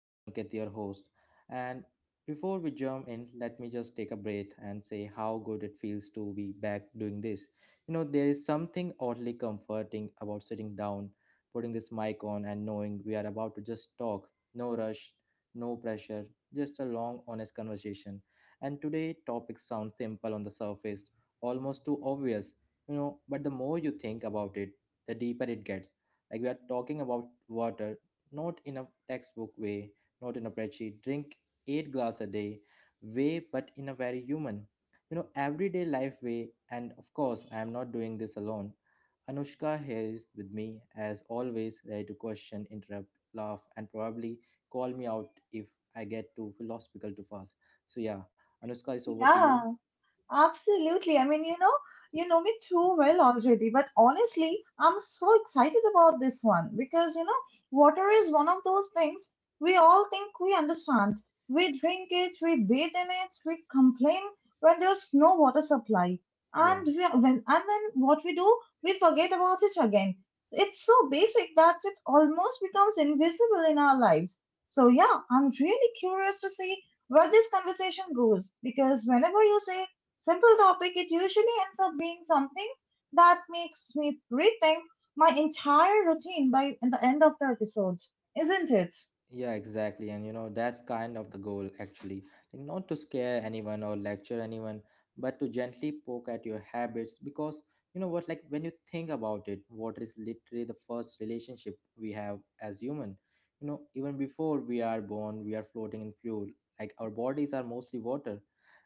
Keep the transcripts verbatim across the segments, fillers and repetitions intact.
I'm Ankit, your host. And before we jump in, let me just take a breath and say how good it feels to be back doing this. You know, there is something oddly comforting about sitting down, putting this mic on, and knowing we are about to just talk. No rush, no pressure, just a long, honest conversation. And today, topics sound simple on the surface, almost too obvious, you know, but the more you think about it, the deeper it gets. Like we are talking about water, not in a textbook way, not in a spreadsheet. Drink eight glass a day way, but in a very human, you know, everyday life way. And of course, I am not doing this alone. Anushka here is with me as always, ready to question, interrupt, laugh, and probably call me out if I get too philosophical too fast. So yeah, Anushka is over to you. Yeah, Absolutely. I mean, you know, you know me too well already, but honestly, I'm so excited about this one because, you know, water is one of those things we all think we understand. We drink it, we bathe in it, we complain when there's no water supply. Yeah. And we when and then what we do, we forget about it again. It's so basic that it almost becomes invisible in our lives. So yeah, I'm really curious to see where this conversation goes because whenever you say simple topic, it usually ends up being something that makes me rethink my entire routine by the end of the episode, isn't it? Yeah, exactly. And you know, that's kind of the goal actually. Like not to scare anyone or lecture anyone, but to gently poke at your habits because you know what, like when you think about it, water is literally the first relationship we have as human. You know, even before we are born, we are floating in fluid. Like our bodies are mostly water.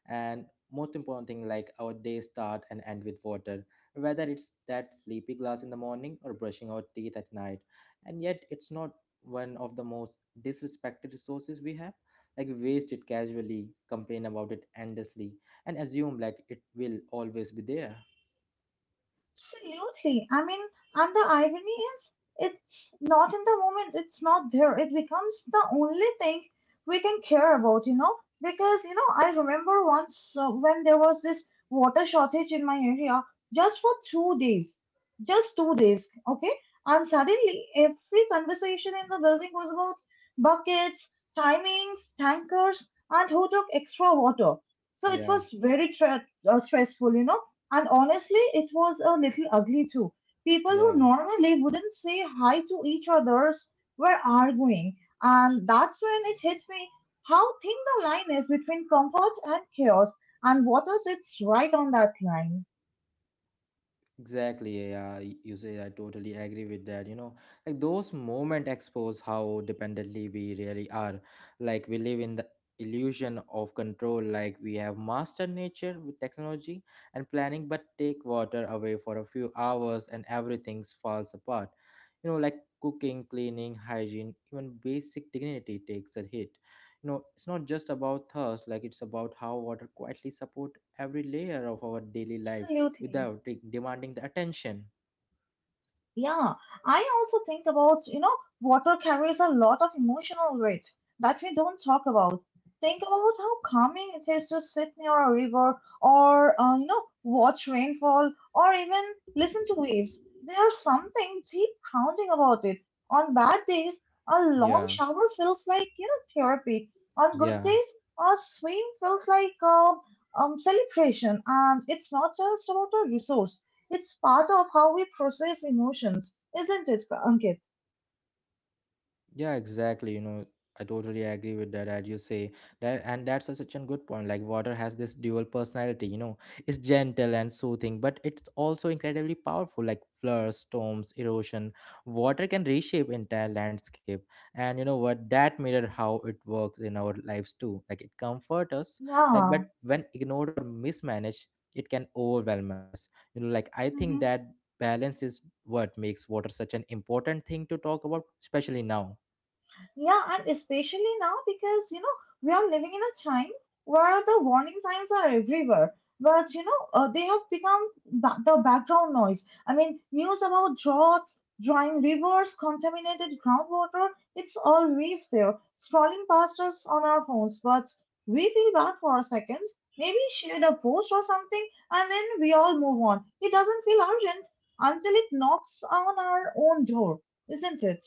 And most important thing, like our days start and end with water. Whether it's that sleepy glass in the morning or brushing our teeth at night, and yet it's not one of the most disrespected resources we have. Like we waste it, casually complain about it endlessly, and assume like it will always be there. Absolutely. I mean, and the irony is, it's not in the moment, it's not there. It becomes the only thing we can care about, you know? Because, you know, I remember once uh, when there was this water shortage in my area just for two days. Just two days, okay? And suddenly every conversation in the building was about buckets, timings, tankers, and who took extra water. So it Yeah, was very tra- uh, stressful, you know? And honestly, it was a little ugly too. People yeah. who normally wouldn't say hi to each other's were arguing. And that's when it hit me how thin the line is between comfort and chaos, and what is it's right on that line. Exactly, yeah, y- you say I totally agree with that. You know, like those moments expose how dependently we really are. Like we live in the illusion of control, like we have mastered nature with technology and planning, but take water away for a few hours and everything falls apart. You know, like cooking, cleaning, hygiene, even basic dignity takes a hit. You know, it's not just about thirst, like it's about how water quietly support every layer of our daily life Absolutely. without de- demanding the attention. Yeah, I also think about, you know, water carries a lot of emotional weight that we don't talk about. Think about how calming it is to sit near a river or, uh, you know, watch rainfall or even listen to waves. There's something deep grounding about it. On bad days, a long Yeah, shower feels like, you know, therapy. On good yeah. days, a swim feels like um, um, celebration. And it's not just about a resource. It's part of how we process emotions, isn't it, Ankit? Yeah, exactly. You know, I totally agree with that. As you say that, and that's a, such a good point. Like water has this dual personality. You know, it's gentle and soothing, but it's also incredibly powerful. Like floods, storms, erosion, water can reshape entire landscape. And you know what? That mirror how it works in our lives too. Like it comforts us, like Yeah. but when ignored or mismanaged, it can overwhelm us. You know, like I think Hmm. that balance is what makes water such an important thing to talk about, especially now. Yeah, and especially now because, you know, we are living in a time where the warning signs are everywhere. But, you know, uh, they have become ba- the background noise. I mean, news about droughts, drying rivers, contaminated groundwater, it's always there, scrolling past us on our phones. But we feel bad for a second, maybe share a post or something, and then we all move on. It doesn't feel urgent until it knocks on our own door, isn't it?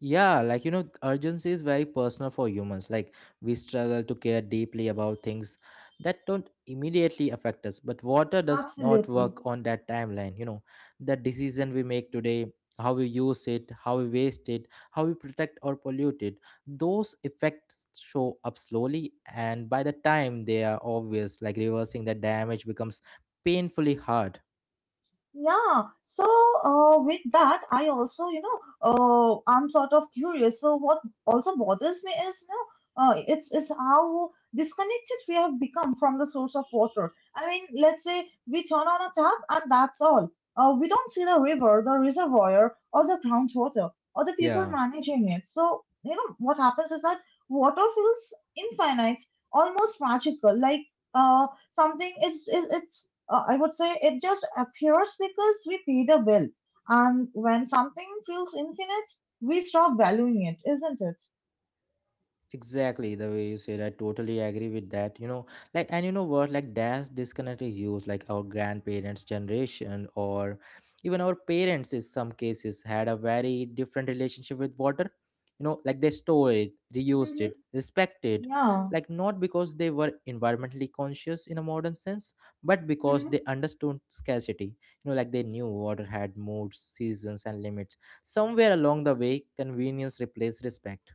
Yeah, like you know, urgency is very personal for humans. Like we struggle to care deeply about things that don't immediately affect us. But water does not Absolutely. work on that timeline. You know, the decision we make today, how we use it, how we waste it, how we protect or pollute it, those effects show up slowly. And by the time they are obvious, like reversing the damage becomes painfully hard. Yeah, so uh, with that, I also, you know, uh, I'm sort of curious. So what also bothers me is, you know, uh, it's is how disconnected we have become from the source of water. I mean, let's say we turn on a tap and that's all. Uh, we don't see the river, the reservoir, or the groundwater, or the people Yeah. managing it. So, you know, what happens is that water feels infinite, almost magical, like uh, something is, is it's uh, I would say it just appears because we paid a bill. And when something feels infinite, we stop valuing it, isn't it? Exactly the way you said, I totally agree with that. You know, like, and you know what, like, that's disconnected use, like our grandparents' generation or even our parents, in some cases, had a very different relationship with water. You know, like they stored it, reused Hmm. it, respected, it. Yeah. Like not because they were environmentally conscious in a modern sense, but because they understood scarcity. You know, like they knew water had moods, seasons, and limits. Somewhere along the way, convenience replaced respect.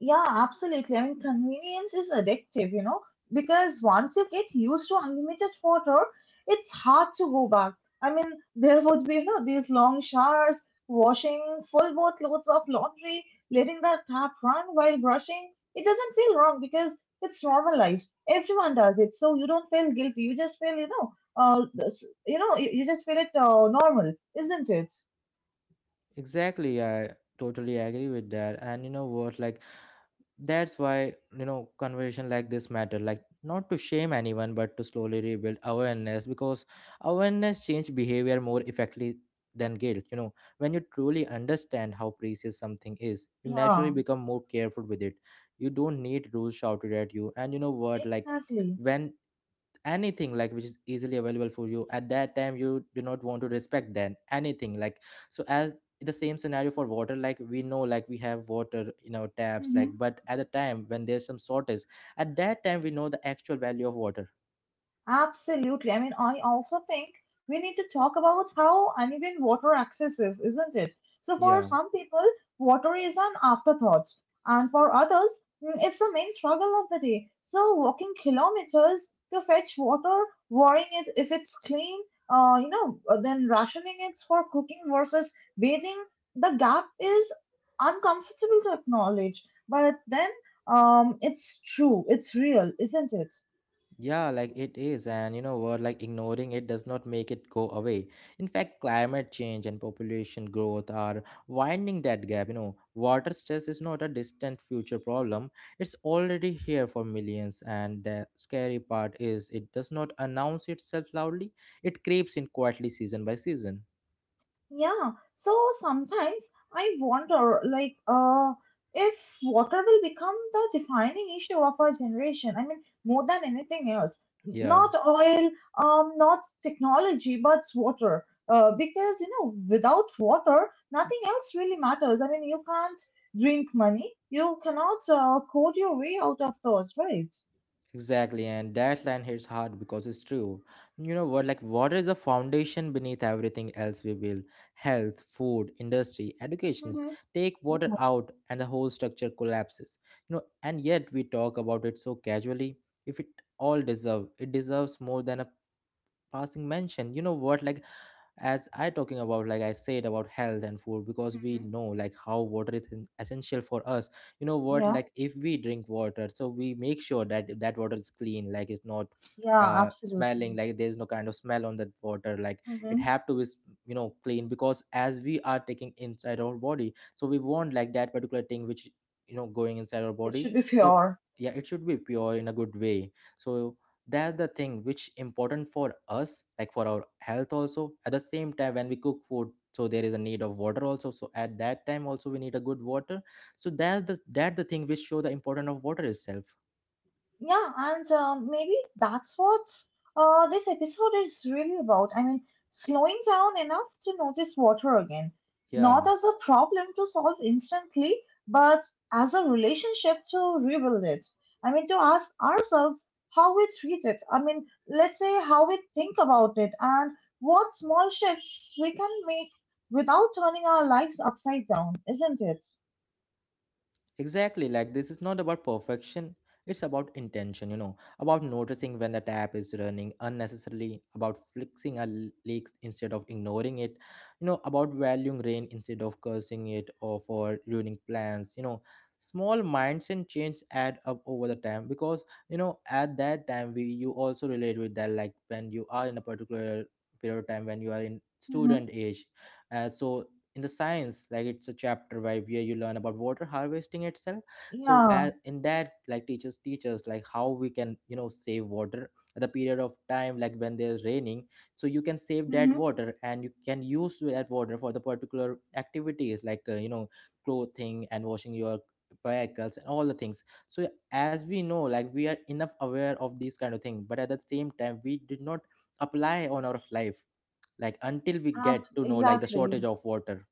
Yeah, absolutely. I mean, convenience is addictive, you know, because once you get used to unlimited water, it's hard to go back. I mean, there would be, you know, these long showers, washing full boatloads of laundry, letting the tap run while brushing. It doesn't feel wrong because it's normalized. Everyone does it, so you don't feel guilty. You just feel, you know, uh, this- you know, you, you just feel it uh, normal, isn't it? Exactly, I totally agree with that. And you know what, like that's why, you know, conversation like this matter. Like not to shame anyone, but to slowly rebuild awareness because awareness change behavior more effectively than guilt. You know, when you truly understand how precious something is, you Yeah, naturally become more careful with it. You don't need rules shouted at you. And you know what, like exactly. when anything like which is easily available for you at that time you do not want to respect then anything like, so as the same scenario for water, like we know, like we have water in our taps, like Mm-hmm. but at the time when there's some shortage, at that time we know the actual value of water. Absolutely. I mean, I also think we need to talk about how uneven water access is, isn't it? So, for Yeah. some people, water is an afterthought, and for others, mm, it's the main struggle of the day. So, walking kilometers to fetch water, worrying it if it's clean, uh, you know, uh, then rationing it for cooking versus bathing, the gap is uncomfortable to acknowledge, but then um, it's true, it's real, isn't it? Yeah, like it is, and you know what? Like ignoring it does not make it go away. In fact, climate change and population growth are widening that gap. You know, water stress is not a distant future problem, it's already here for millions. And the scary part is it does not announce itself loudly, it creeps in quietly season by season. Yeah, so sometimes I wonder, like, uh, if water will become the defining issue of our generation. I mean, more than anything else, Yeah. not oil, um, not technology, but water. Uh, because you know, without water, nothing else really matters. I mean, you can't drink money, you cannot uh, code your way out of those, right? Exactly, and that line hits hard because it's true. You know what? Like, water is the foundation beneath everything else we build, health, food, industry, education. Mm-hmm. Take water out, and the whole structure collapses. You know, and yet we talk about it so casually. If it all deserve, It deserves more than a passing mention. You know what? Like, as I talking about like I said about health and food, because we Mm-hmm. know like how water is en- essential for us. You know what, Yeah, like if we drink water, so we make sure that that water is clean, like it's not yeah, uh smelling, absolutely. like there's no kind of smell on that water, like it Mm-hmm. have to be s- you know clean, because as we are taking inside our body, so we want like that particular thing which, you know, going inside our It body. should be So pure. yeah, it should be pure in a good way. So that's the thing which important for us, like for our health, also at the same time when we cook food, so there is a need of water also, so at that time also we need a good water. So that's the that the thing which show the importance of water itself. Yeah, and um, maybe that's what uh, this episode is really about. I mean, slowing down enough to notice water again, Yeah. not as a problem to solve instantly, but as a relationship to rebuild it. I mean, to ask ourselves how we treat it. I mean, let's say how we think about it and what small shifts we can make without turning our lives upside down, isn't it? Exactly, like this is not about perfection, it's about intention, you know, about noticing when the tap is running unnecessarily, about fixing a l- leak instead of ignoring it, you know, about valuing rain instead of cursing it or for ruining plans, you know. Small mindset change add up over the time, because you know at that time we you also relate with that, like when you are in a particular period of time, when you are in Mm-hmm. student age, uh, so in the science, like it's a chapter where, where you learn about water harvesting itself. So Yeah. as in that, like teachers teach us like how we can you know save water at the period of time like when there's raining, so you can save that Mm-hmm. water and you can use that water for the particular activities, like uh, you know, clothing and washing your vehicles and all the things. So as we know like we are enough aware of these kind of thing, but at the same time we did not apply on our life, like until we Ab- get to know like the exactly. shortage of water.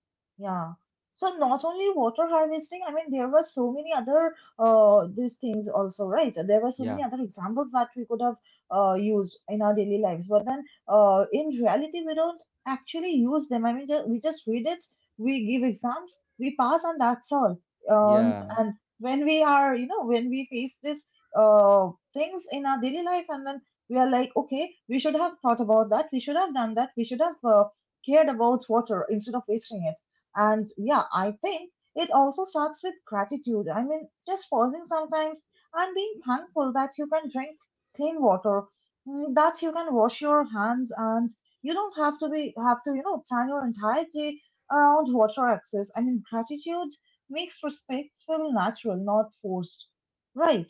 Yeah. So not only water harvesting, I mean, there were so many other uh these things also, right? There were so many Yeah, other examples that we could have uh used in our daily lives, but then uh in reality we don't actually use them. I mean, ju- we just read it, we give exams, we pass, and that's all. Um, yeah, And when we are, you know, when we face this uh things in our daily life, and then we are like, okay, we should have thought about that, we should have done that, we should have uh, cared about water instead of wasting it. And yeah, I think it also starts with gratitude. I mean, just pausing sometimes and being thankful that you can drink clean water, mm, that you can wash your hands, and you don't have to be have to you know plan your entire day around water access. I mean, gratitude makes respect feel natural, not forced. Right.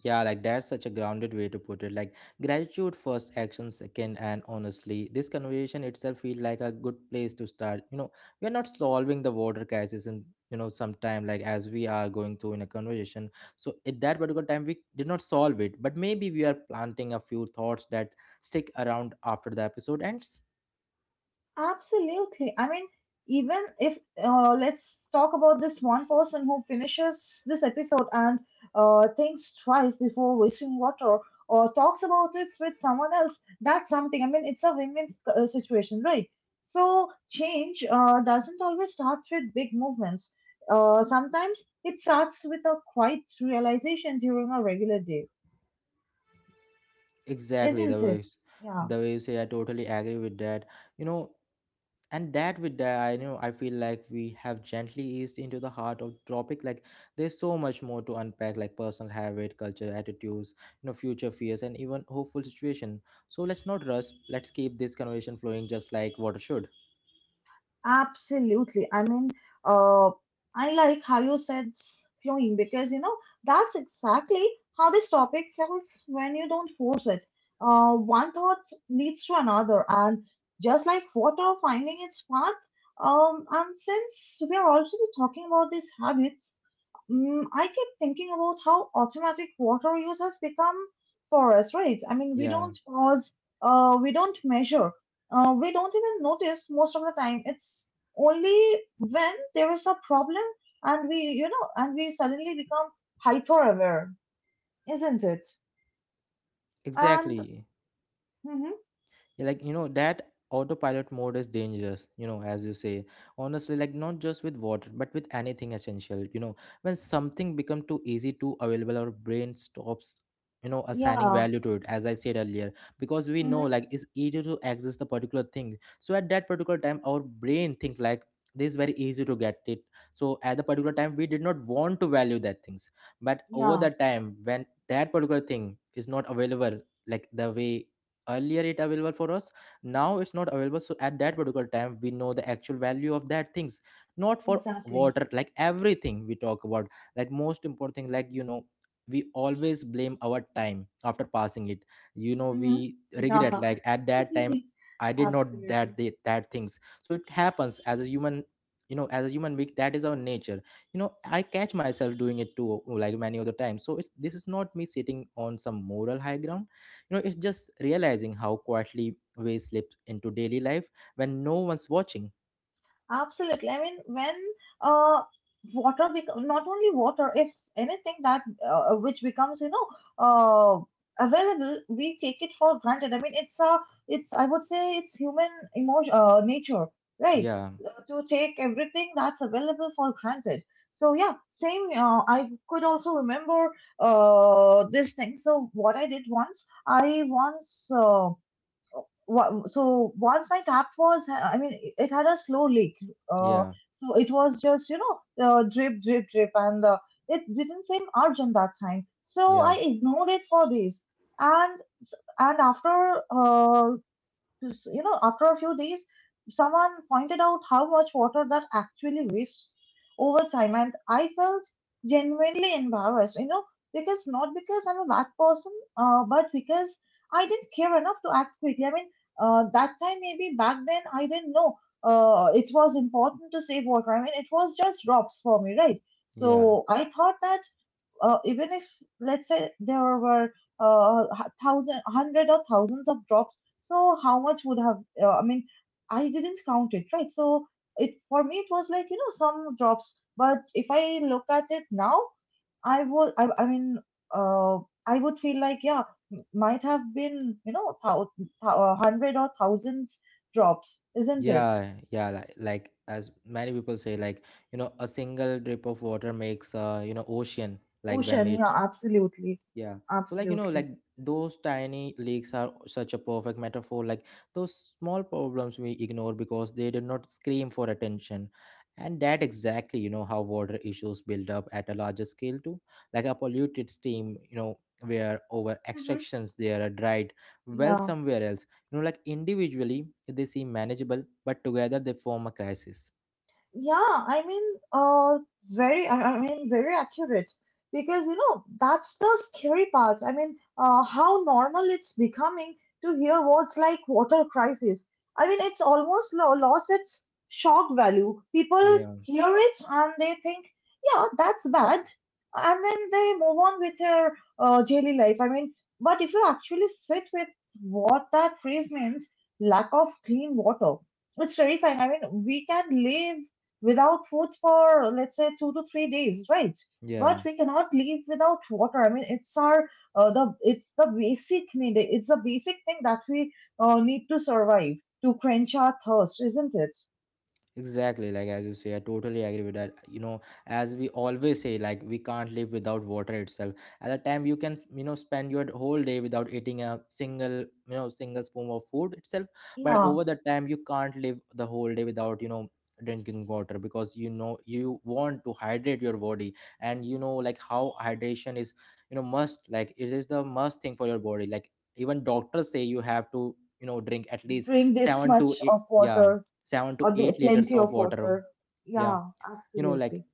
yeah. Like that's such a grounded way to put it. Like gratitude first, action second, and honestly, this conversation itself feels like a good place to start. You know, we are not solving the water crisis in you know sometime like as we are going through in a conversation. So at that particular time, we did not solve it, but maybe we are planting a few thoughts that stick around after the episode ends. Absolutely. I mean, even if uh, let's talk about this one person who finishes this episode and uh, thinks twice before wasting water or talks about it with someone else, that's something. I mean, it's a win-win uh, situation, right? So change uh, doesn't always start with big movements. Uh, sometimes it starts with a quiet realization during a regular day, Exactly the isn't way it? Yeah. the way you say. I totally agree with that. You know. And that With that, I know, I feel like we have gently eased into the heart of the topic, like there's so much more to unpack, like personal habit, culture, attitudes, you know, future fears, and even hopeful situation. So let's not rush, let's keep this conversation flowing just like water should. Absolutely. I mean, uh, I like how you said s- flowing because you know that's exactly how this topic feels when you don't force it. Uh, one thought leads to another, and just like water finding its path. Um, and since we are already talking about these habits, mm, I keep thinking about how automatic water use has become for us, right? I mean, we Yeah, don't pause, uh, we don't measure, uh, we don't even notice most of the time. It's only when there is a problem and we, you know, and we suddenly become hyper aware, isn't it? And exactly. hmm Yeah, like you know that autopilot mode is dangerous, you know, as you say. Honestly, like not just with water but with anything essential, you know, when something become too easy, too available, our brain stops, you know, assigning yeah, value to it, as I said earlier. Because we know, hmm like it's easier to access the particular thing, so at that particular time our brain think like this is very easy to get it. So at the particular time we did not want to value that things, but over yeah, the time when that particular thing is not available, like the way earlier it available for us, now it's not available, so at that particular time we know the actual value of that things. Not for exactly. water, like everything we talk about. Like most important thing, like you know, we always blame our time after passing it, you know, Hmm. we Yeah, regret like at that time I did not absolutely. that the, that things. So it happens as a human. You know, as a human being, that is our nature. You know, I catch myself doing it too, like many of the time, so it's this is not me sitting on some moral high ground. You know, it's just realizing how quietly we slip into daily life when no one's watching. Absolutely. I mean, when uh, water bec- not only water, if anything that uh, which becomes you know uh, available, we take it for granted. I mean, it's a it's I would say it's human emotion uh, nature, right? Yeah, Uh, To take everything that's available for granted. So yeah, same. Uh, I could also remember uh, this thing. So what I did once, I once uh, wa- so once my tap was, I mean, it had a slow leak, uh, yeah, so it was just you know uh, drip drip drip. And uh, it didn't seem urgent that time, so I yeah, ignored it for days. And and after uh, you know after a few days someone pointed out how much water that actually wastes over time, and I felt genuinely embarrassed, you know, because not because I'm a bad person, uh, but because I didn't care enough to act quickly. I mean, uh, that time maybe back then I didn't know uh, it was important to save water. I mean, it was just drops for me, right? So yeah, I thought that, uh, even if let's say there were uh, h- thousand, hundred or thousands of drops, so how much would have? Uh, I mean, I didn't count it, right? So it for me it was like you know some drops, but if I look at it now, I would. I, I mean, uh, I would feel like yeah, m- might have been you know thou, thou, uh, hundred or thousands drops, isn't it? yeah, yeah. Like, like, as many people say, like you know, a single drip of water makes a you know ocean. Like when Ocean, yeah, it— absolutely, Yeah. So like you know, absolutely. like those tiny leaks are such a perfect metaphor. Like those small problems we ignore because they did not scream for attention. And that exactly, you know, how water issues build up at a larger scale too. Like a polluted stream, you know, where over Mm-hmm. extractions there are dried well Yeah. somewhere else. You know, like individually they seem manageable, but together they form a crisis. Yeah, I mean, uh, very, I I mean, very accurate because you know that's the scary part. I mean, uh, how normal it's becoming to hear words like water crisis. I mean, it's almost lo lost its shock value. People Yeah. hear it and they think, yeah, that's bad, and then they move on with their uh, daily life. I mean, but if you actually sit with what that phrase means, lack of clean water, it's terrifying. I mean, we can live without food for let's say two to three days, right? But Yeah. we cannot live without water. I mean, it's our uh, the it's the basic need. It's the basic thing that we uh, need to survive to quench our thirst, isn't it? Exactly, like as you say, I totally agree with that. You know, as we always say, like we can't live without water itself. At the time, you can, you know, spend your whole day without eating a single you know single spoon of food itself. But Yeah, over the time, you can't live the whole day without, you know, drinking water, because, you know, you want to hydrate your body, and you know, like how hydration is, you know, must, like it is the must thing for your body. Like even doctors say you have to, you know, drink at least drink this seven to much eight, of yeah, water seven to or the, eight liters plenty of of water. water. Yeah, Yeah, you know, like absolutely.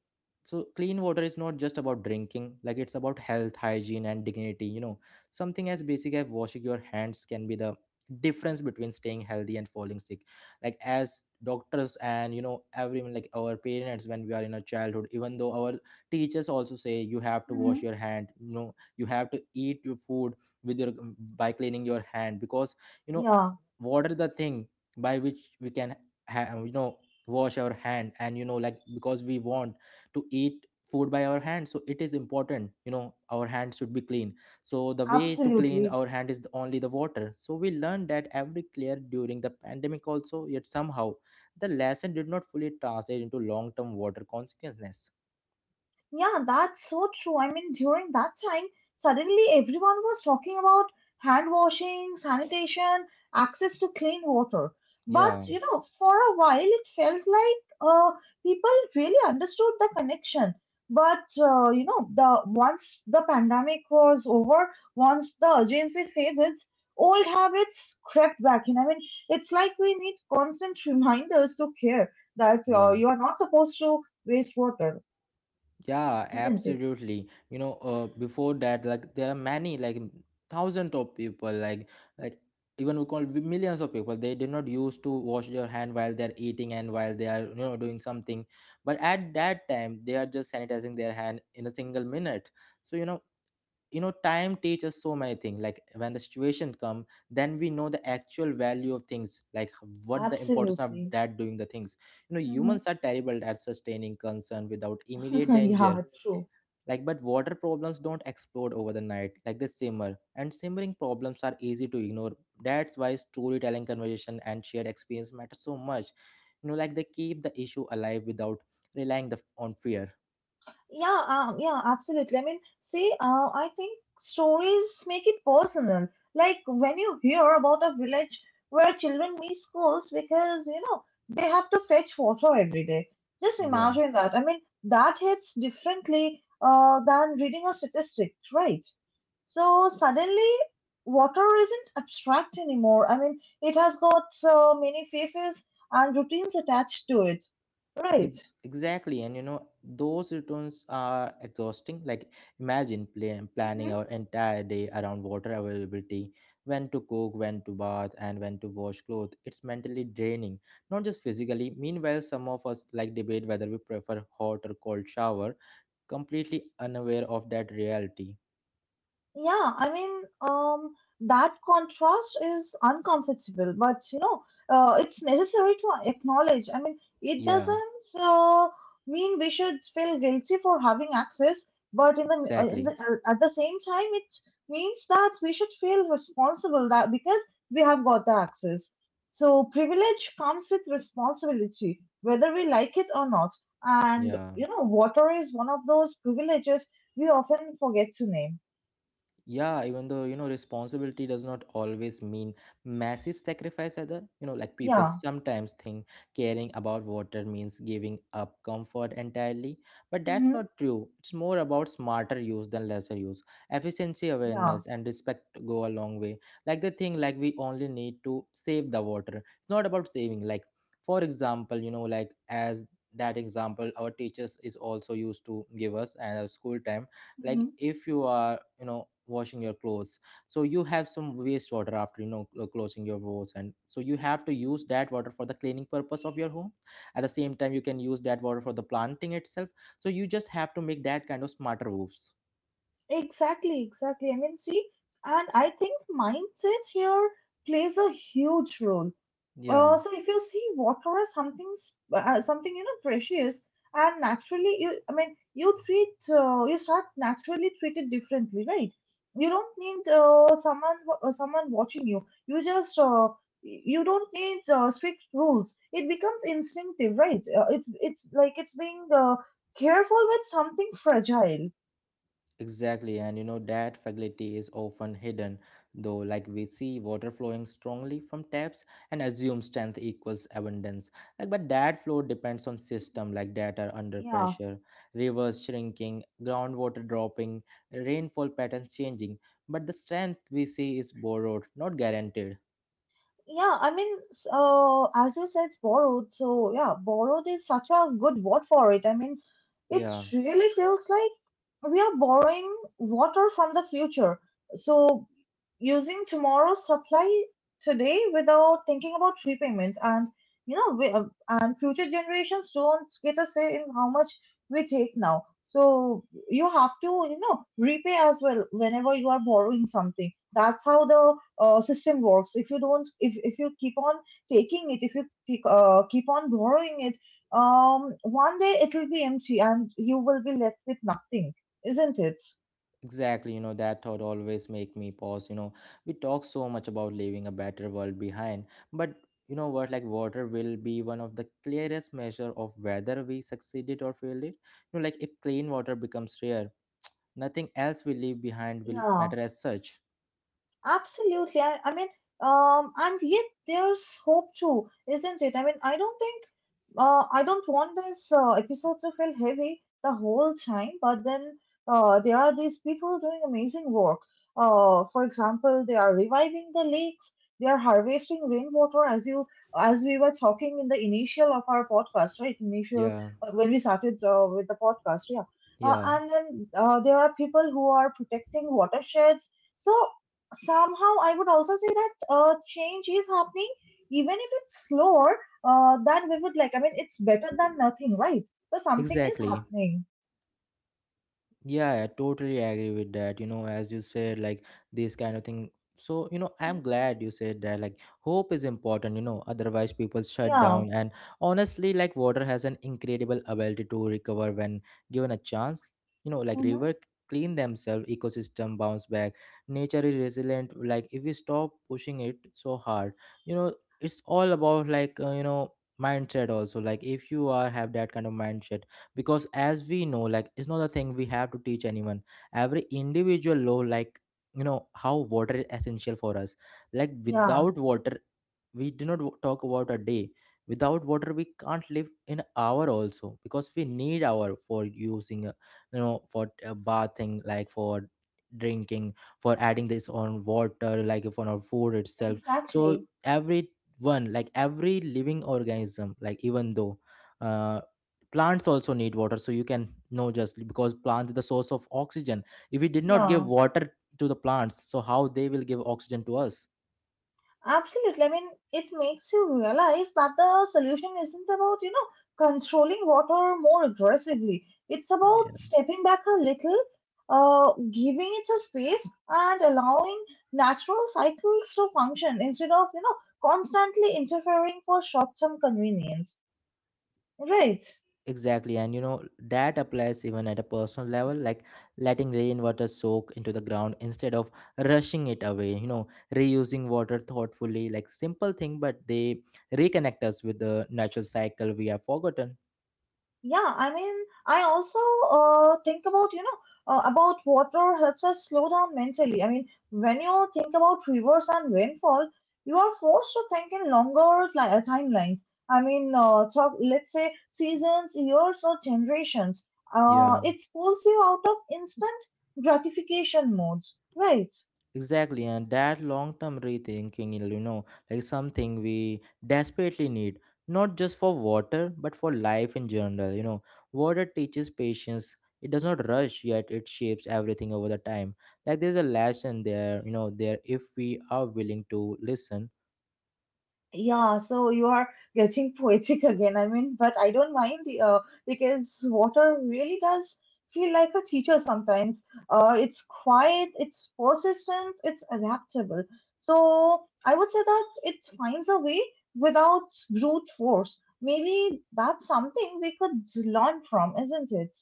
so clean water is not just about drinking, like it's about health, hygiene and dignity, you know, something as basic as washing your hands can be the difference between staying healthy and falling sick. Like as doctors and you know everyone, like our parents, when we are in our childhood, even though our teachers also say you have to wash Hmm. your hand, you know, you have to eat your food with your um, by cleaning your hand, because, you know, Yeah, water is the thing by which we can ha- you know, wash our hand, and you know, like because we want to eat food by our hands, so it is important, you know, our hand should be clean. So the way to clean absolutely. our hand is only the water, so we learned that every clear during the pandemic also, yet somehow the lesson did not fully translate into long term water consequences. Yeah, that's so true. I mean, during that time, suddenly everyone was talking about hand washing, sanitation, access to clean water. But, Yeah, you know, for a while it felt like uh, people really understood the connection. But, uh, you know, the once the pandemic was over, once the urgency faded, old habits crept back in. I mean, it's like we need constant reminders to care that uh, yeah. you are not supposed to waste water, Yeah, isn't it? absolutely. You know, uh, before that, like there are many, like m- thousands of people, like like even we call w- millions of people. They did not used to wash their hand while they're eating and while they are, you know, doing something. But at that time, they are just sanitizing their hand in a single minute. So you know, you know, time teaches so many things. Like when the situation come, then we know the actual value of things. Like what the importance of Absolutely. that doing the things. You know, Mhm. humans are terrible at sustaining concern without immediate danger, Yeah, true. like, but water problems don't explode over the night, like they simmer, and simmering problems are easy to ignore. That's why storytelling, conversation, and shared experience matter so much. You know, like they keep the issue alive without relying the, on fear. Yeah, um, yeah, absolutely. I mean, see, uh, I think stories make it personal. Like when you hear about a village where children miss schools because, you know, they have to fetch water every day. Just Yeah. imagine that. I mean, that hits differently uh, than reading a statistic, right? So suddenly, water isn't abstract anymore. I mean, it has got so many faces and routines attached to it, right? Ex- exactly, and you know those returns are exhausting, like imagine plan- planning our entire day around water availability, when to cook, when to bath and when to wash clothes. It's mentally draining, not just physically. Meanwhile some of us like debate whether we prefer hot or cold shower, completely unaware of that reality. Yeah, I mean, um, that contrast is uncomfortable, but you know, uh, it's necessary to acknowledge. I mean, it Yeah, doesn't uh, mean we should feel guilty for having access, but in the, uh, in exactly. the uh, at the same time, it means that we should feel responsible that because we have got the access. So privilege comes with responsibility, whether we like it or not. And Yeah, you know, water is one of those privileges we often forget to name. yeah, even though you know responsibility does not always mean massive sacrifice either, you know, like people Yeah. sometimes think caring about water means giving up comfort entirely, but that's Mm-hmm. not true. It's more about smarter use than lesser use. Efficiency, Yeah. awareness and respect go a long way. Like the thing, like we only need to save the water, it's not about saving, like for example you know, like as that example our teachers is also used to give us and our school time. Mm-hmm. Like if you are, you know, washing your clothes, so you have some wastewater after you know cl- closing your doors, and so you have to use that water for the cleaning purpose of your home. At the same time you can use that water for the planting itself. So you just have to make that kind of smarter roofs. Exactly, exactly. I mean, see, and I think mindset here plays a huge role. Yeah. Uh, so if you see water as something, s- uh, something you know precious, and naturally you, I mean, you treat, uh, you start naturally treat it differently, right? You don't need uh, someone, wa- uh, someone watching you. You just, uh, y- you don't need uh, strict rules. It becomes instinctive, right? Uh, it's, it's like it's being uh, careful with something fragile. Exactly, and you know that fragility is often hidden, though, like we see water flowing strongly from taps and assume strength equals abundance. Like, but that flow depends on system like that are under Yeah. pressure, rivers shrinking, groundwater dropping, rainfall patterns changing. But the strength we see is borrowed, not guaranteed. Yeah, I mean, s- uh, as you said, borrowed. So yeah, borrowed is such a good word for it. I mean, it Yeah. really feels like we are borrowing water from the future. So, using tomorrow's supply today without thinking about repayment, and you know, we, uh, and future generations don't get a say in how much we take now. So, you have to, you know, repay as well whenever you are borrowing something. That's how the uh, system works. If you don't, if, if you keep on taking it, if you keep, uh, keep on borrowing it, um, one day it will be empty and you will be left with nothing, isn't it? Exactly, you know, that thought always make me pause, you know. We talk so much about leaving a better world behind, but you know what, like water will be one of the clearest measure of whether we succeeded or failed it. You know, like if clean water becomes rare, nothing else we leave behind will Yeah, matter as such. absolutely. I, I mean, um, and yet there's hope too, isn't it? I mean, I don't think uh, I don't want this uh, episode to feel heavy the whole time, but then uh, there are these people doing amazing work. Uh, for example, they are reviving the lakes. They are harvesting rainwater, as you as we were talking in the initial of our podcast, right? Initial Yeah, uh, when we started uh, with the podcast, yeah. Uh, yeah, and then uh, There are people who are protecting watersheds. So somehow, I would also say that uh, change is happening, even if it's slower uh, then we would like, I mean, it's better than nothing, right? So something is exactly. happening. Yeah, I totally agree with that. You know, as you said, like this kind of thing. So, you know, Mhm. I'm glad you said that. Like, hope is important, you know, otherwise people shut Yeah. down. And honestly, like, water has an incredible ability to recover when given a chance. You know, like, Mm-hmm. river clean themselves, ecosystem bounce back. Nature is resilient. Like, if we stop pushing it so hard, you know, it's all about, like, uh, you know, mindset also. Like, if you are have that kind of mindset, because as we know like it's not a thing we have to teach anyone, every individual law, like you know how water is essential for us, like Yeah. without water we do not w- talk about a day. Without water we can't live in hour also, because we need hour for using uh, you know, for uh, bathing, like for drinking, for adding this on water, like if on our food itself. So Exactly. every one, like every living organism, like even though uh plants also need water, so you can know just because plants are the source of oxygen. If we did not give Yeah. water to the plants, so how they will give oxygen to us. Absolutely. I mean, it makes you realize that the solution isn't about, you know, controlling water more aggressively. It's about stepping back a little, uh, giving it a space and allowing natural cycles to function instead of, you know, constantly interfering for short-term convenience. Right. Exactly, and you know that applies even at a personal level, like letting rainwater soak into the ground instead of rushing it away. You know, reusing water thoughtfully, like simple thing, but they reconnect us with the natural cycle we have forgotten. Yeah, I mean, I also uh, think about, you know, uh, about water helps us slow down mentally. I mean, when you think about rivers and rainfall, you are forced to think in longer li- uh, timelines. I mean, uh, talk, let's say seasons, years, or generations. Uh, Yeah. it pulls you out of instant gratification modes, right? Exactly, and that long term rethinking, you know, like something we desperately need, not just for water, but for life in general. You know, water teaches patience, it does not rush, yet it shapes everything over the time. Like, there's a lesson there, you know, there if we are willing to listen. Yeah, so you are getting poetic again. I mean, but I don't mind the uh, because water really does feel like a teacher sometimes. Uh, it's quiet, it's persistent, it's adaptable. So I would say that it finds a way without brute force. Maybe that's something we could learn from, isn't it?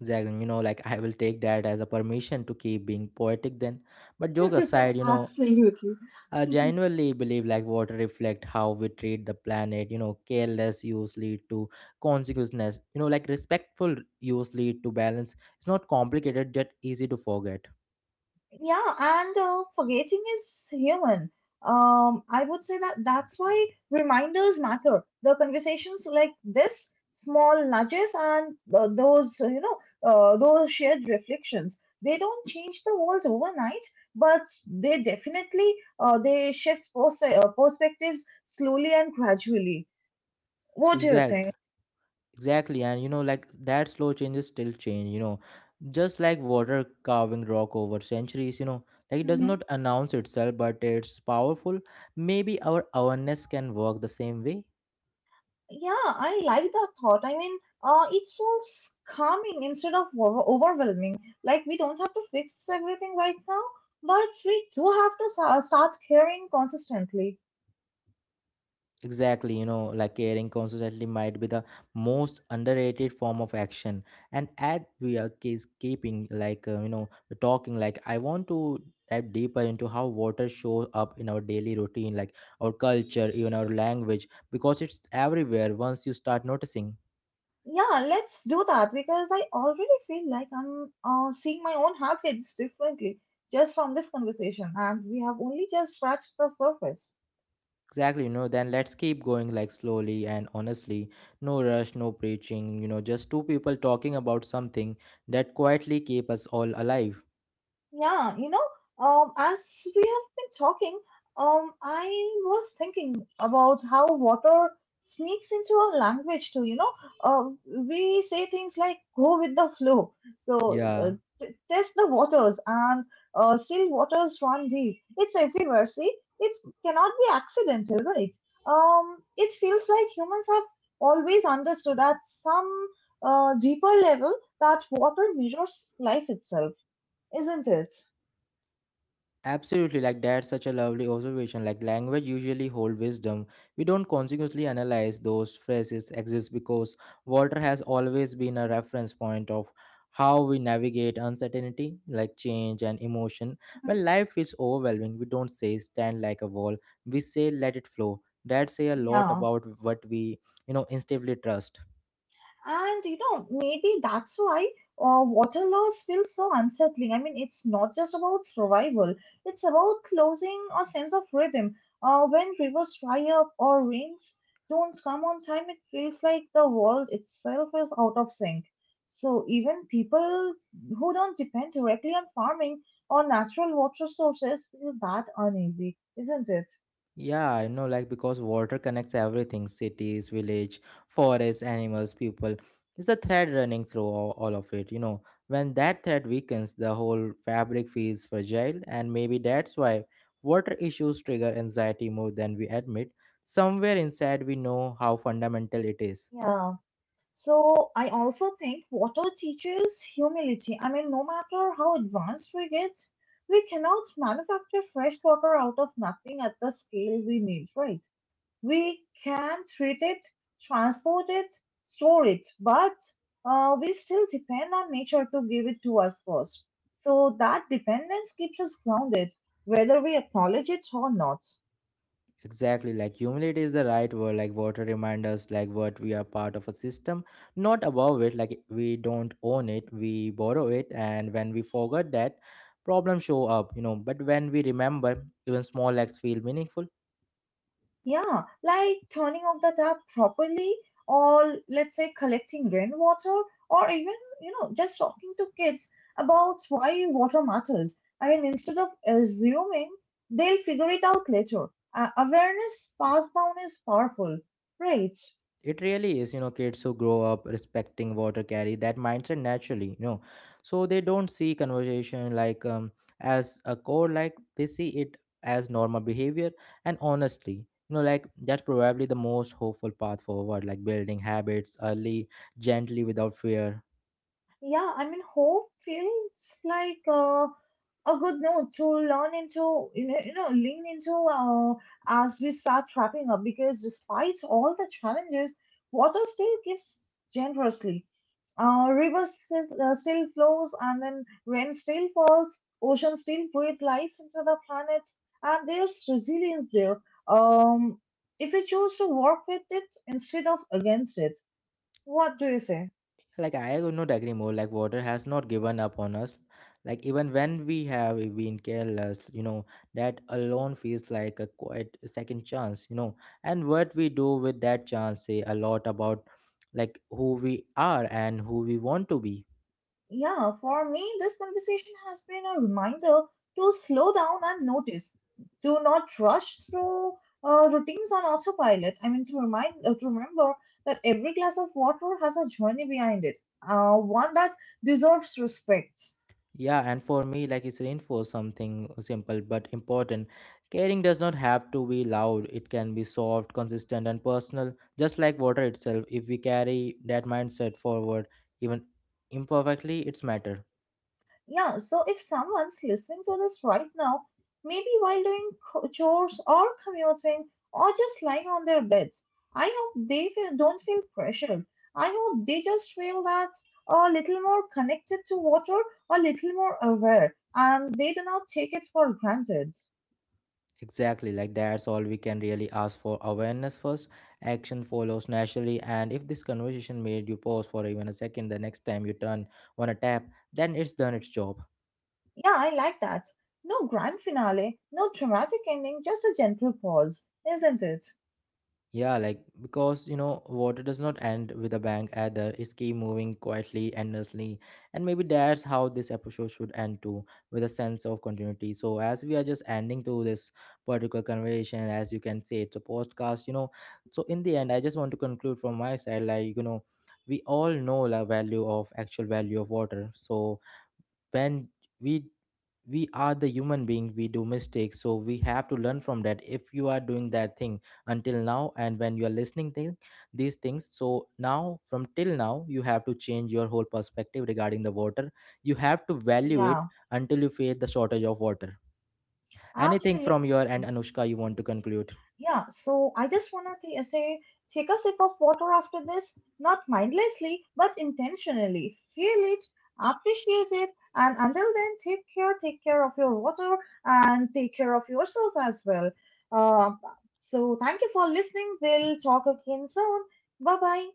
Exactly, you know, like I will take that as a permission to keep being poetic then. But joke aside, you know, Absolutely. I genuinely believe like water reflect how we treat the planet. You know, careless use lead to consequences. You know, like respectful use lead to balance. It's not complicated, just easy to forget. Yeah, and uh, forgetting is human. Um, I would say that that's why reminders matter. The conversations like this, small nudges, and uh, those you know, uh, those shared reflections. They don't change the world overnight, but they definitely uh, they shift pers- uh, perspectives slowly and gradually. What do you Exact, think? exactly. And you know, like that slow changes still change. You know, just like water carving rock over centuries. You know, like it does not announce itself, but it's powerful. Maybe our awareness can work the same way. Yeah, I like that thought. I mean, uh, it feels calming instead of over- overwhelming. Like we don't have to fix everything right now, but we do have to sa- start caring consistently. Exactly, you know, like caring consistently might be the most underrated form of action. And at we are case keeping, like uh, you know, talking, like I want to dive deeper into how water shows up in our daily routine, like our culture, even our language, because it's everywhere once you start noticing. Yeah, let's do that because I already feel like I'm uh, seeing my own habits differently just from this conversation, and we have only just scratched the surface. Exactly, you know, then let's keep going like slowly and honestly. No rush, no preaching, you know, just two people talking about something that quietly keep us all alive. Yeah, you know, um, as we have been talking, um, I was thinking about how water sneaks into our language too. You know, uh, we say things like "go with the flow," so uh, Yeah. t- test the waters, and uh, still waters run deep. It's everywhere. See, it cannot be accidental, right? Um, it feels like humans have always understood at some uh, deeper level that water mirrors life itself, isn't it? Absolutely, like that's such a lovely observation. Like language usually hold wisdom. We don't consciously analyze those phrases exist because water has always been a reference point of how we navigate uncertainty, like change and emotion. Mhm. When life feels overwhelming, we don't say stand like a wall. We say let it flow. That say a lot Yeah, about what we, you know, instinctively trust. and you know, maybe that's why uh, water loss feels so unsettling. I mean, it's not just about survival, it's about losing a sense of rhythm. Uh, when rivers dry up or rains don't come on time, it feels like the world itself is out of sync. So, even people who don't depend directly on farming or natural water sources feel that uneasy, isn't it? Yeah, I know, like because water connects everything, cities, village, forests, animals, people. It's a thread running through all, all of it, you know. When that thread weakens, the whole fabric feels fragile, and maybe that's why water issues trigger anxiety more than we admit. Somewhere inside, we know how fundamental it is. Yeah. So I also think water teaches humility. I mean, no matter how advanced we get, we cannot manufacture fresh water out of nothing at the scale we need, right? We can treat it, transport it, store it, but uh, we still depend on nature to give it to us first. So that dependence keeps us grounded, whether we acknowledge it or not. Exactly, like humility is the right word. Like water reminds us, like what we are part of a system, not above it. Like we don't own it, we borrow it, and when we forget that, problems show up. You know, but when we remember, even small acts feel meaningful. Yeah, like turning off the tap properly, or let's say collecting rainwater, or even, you know, just talking to kids about why water matters. I mean, instead of assuming they'll figure it out later, uh, awareness passed down is powerful, right? It really is, you know, kids who grow up respecting water carry that mindset naturally, you know. So they don't see conversation like um, as a core, like they see it as normal behavior. And honestly, you know, like that's probably the most hopeful path forward, like building habits early, gently, without fear. Yeah, I mean, hope feels like uh, a good note to learn into, you know, you know, lean into uh, as we start wrapping up because despite all the challenges, water still gives generously. Uh, rivers s- uh, still flows and then rain still falls, oceans still breathe life into the planet, and there's resilience there. Um, if we choose to work with it instead of against it, what do you say? Like I would not agree more, like water has not given up on us, like even when we have been careless, you know, that alone feels like a quite second chance, you know, and what we do with that chance say a lot about like who we are and who we want to be. Yeah, for me, this conversation has been a reminder to slow down and notice. Do not rush through uh, routines on autopilot. I mean, to remind, uh, to remember that every glass of water has a journey behind it, uh, one that deserves respect. Yeah, and for me, like it's reinforce something simple but important. Caring does not have to be loud, it can be soft, consistent, and personal, just like water itself. If we carry that mindset forward, even imperfectly, it's matter. Yeah, so if someone's listening to this right now, maybe while doing co- chores or commuting or just lying on their beds, I hope they feel, don't feel pressured. I hope they just feel that a little more connected to water, a little more aware, and they do not take it for granted. Exactly, like that's all we can really ask for, awareness first. Action follows naturally, and if this conversation made you pause for even a second the next time you turn on a tap, then it's done its job. Yeah, I like that. No grand finale, no dramatic ending, just a gentle pause, isn't it? Yeah, like because you know, water does not end with a bang either. It's keep moving quietly, endlessly, and maybe that's how this episode should end too, with a sense of continuity. So as we are just ending to this particular conversation, as you can say, it's a podcast, you know. So in the end, I just want to conclude from my side, like you know, we all know the value of actual value of water. So when we we are the human being we do mistakes, so we have to learn from that. If you are doing that thing until now and when you are listening thing, these things, so now from till now you have to change your whole perspective regarding the water. You have to value it Yeah, until you feel the shortage of water. Anything absolutely. from your end, Anushka, you want to conclude? Yeah, so I just want to uh, say take a sip of water after this, not mindlessly, but intentionally. Feel it, appreciate it, and until then, take care, take care of your water, and take care of yourself as well. Uh, so, thank you for listening. We'll talk again soon. Bye bye.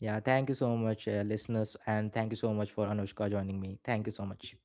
Yeah, thank you so much, uh, listeners, and thank you so much for Anushka joining me. Thank you so much.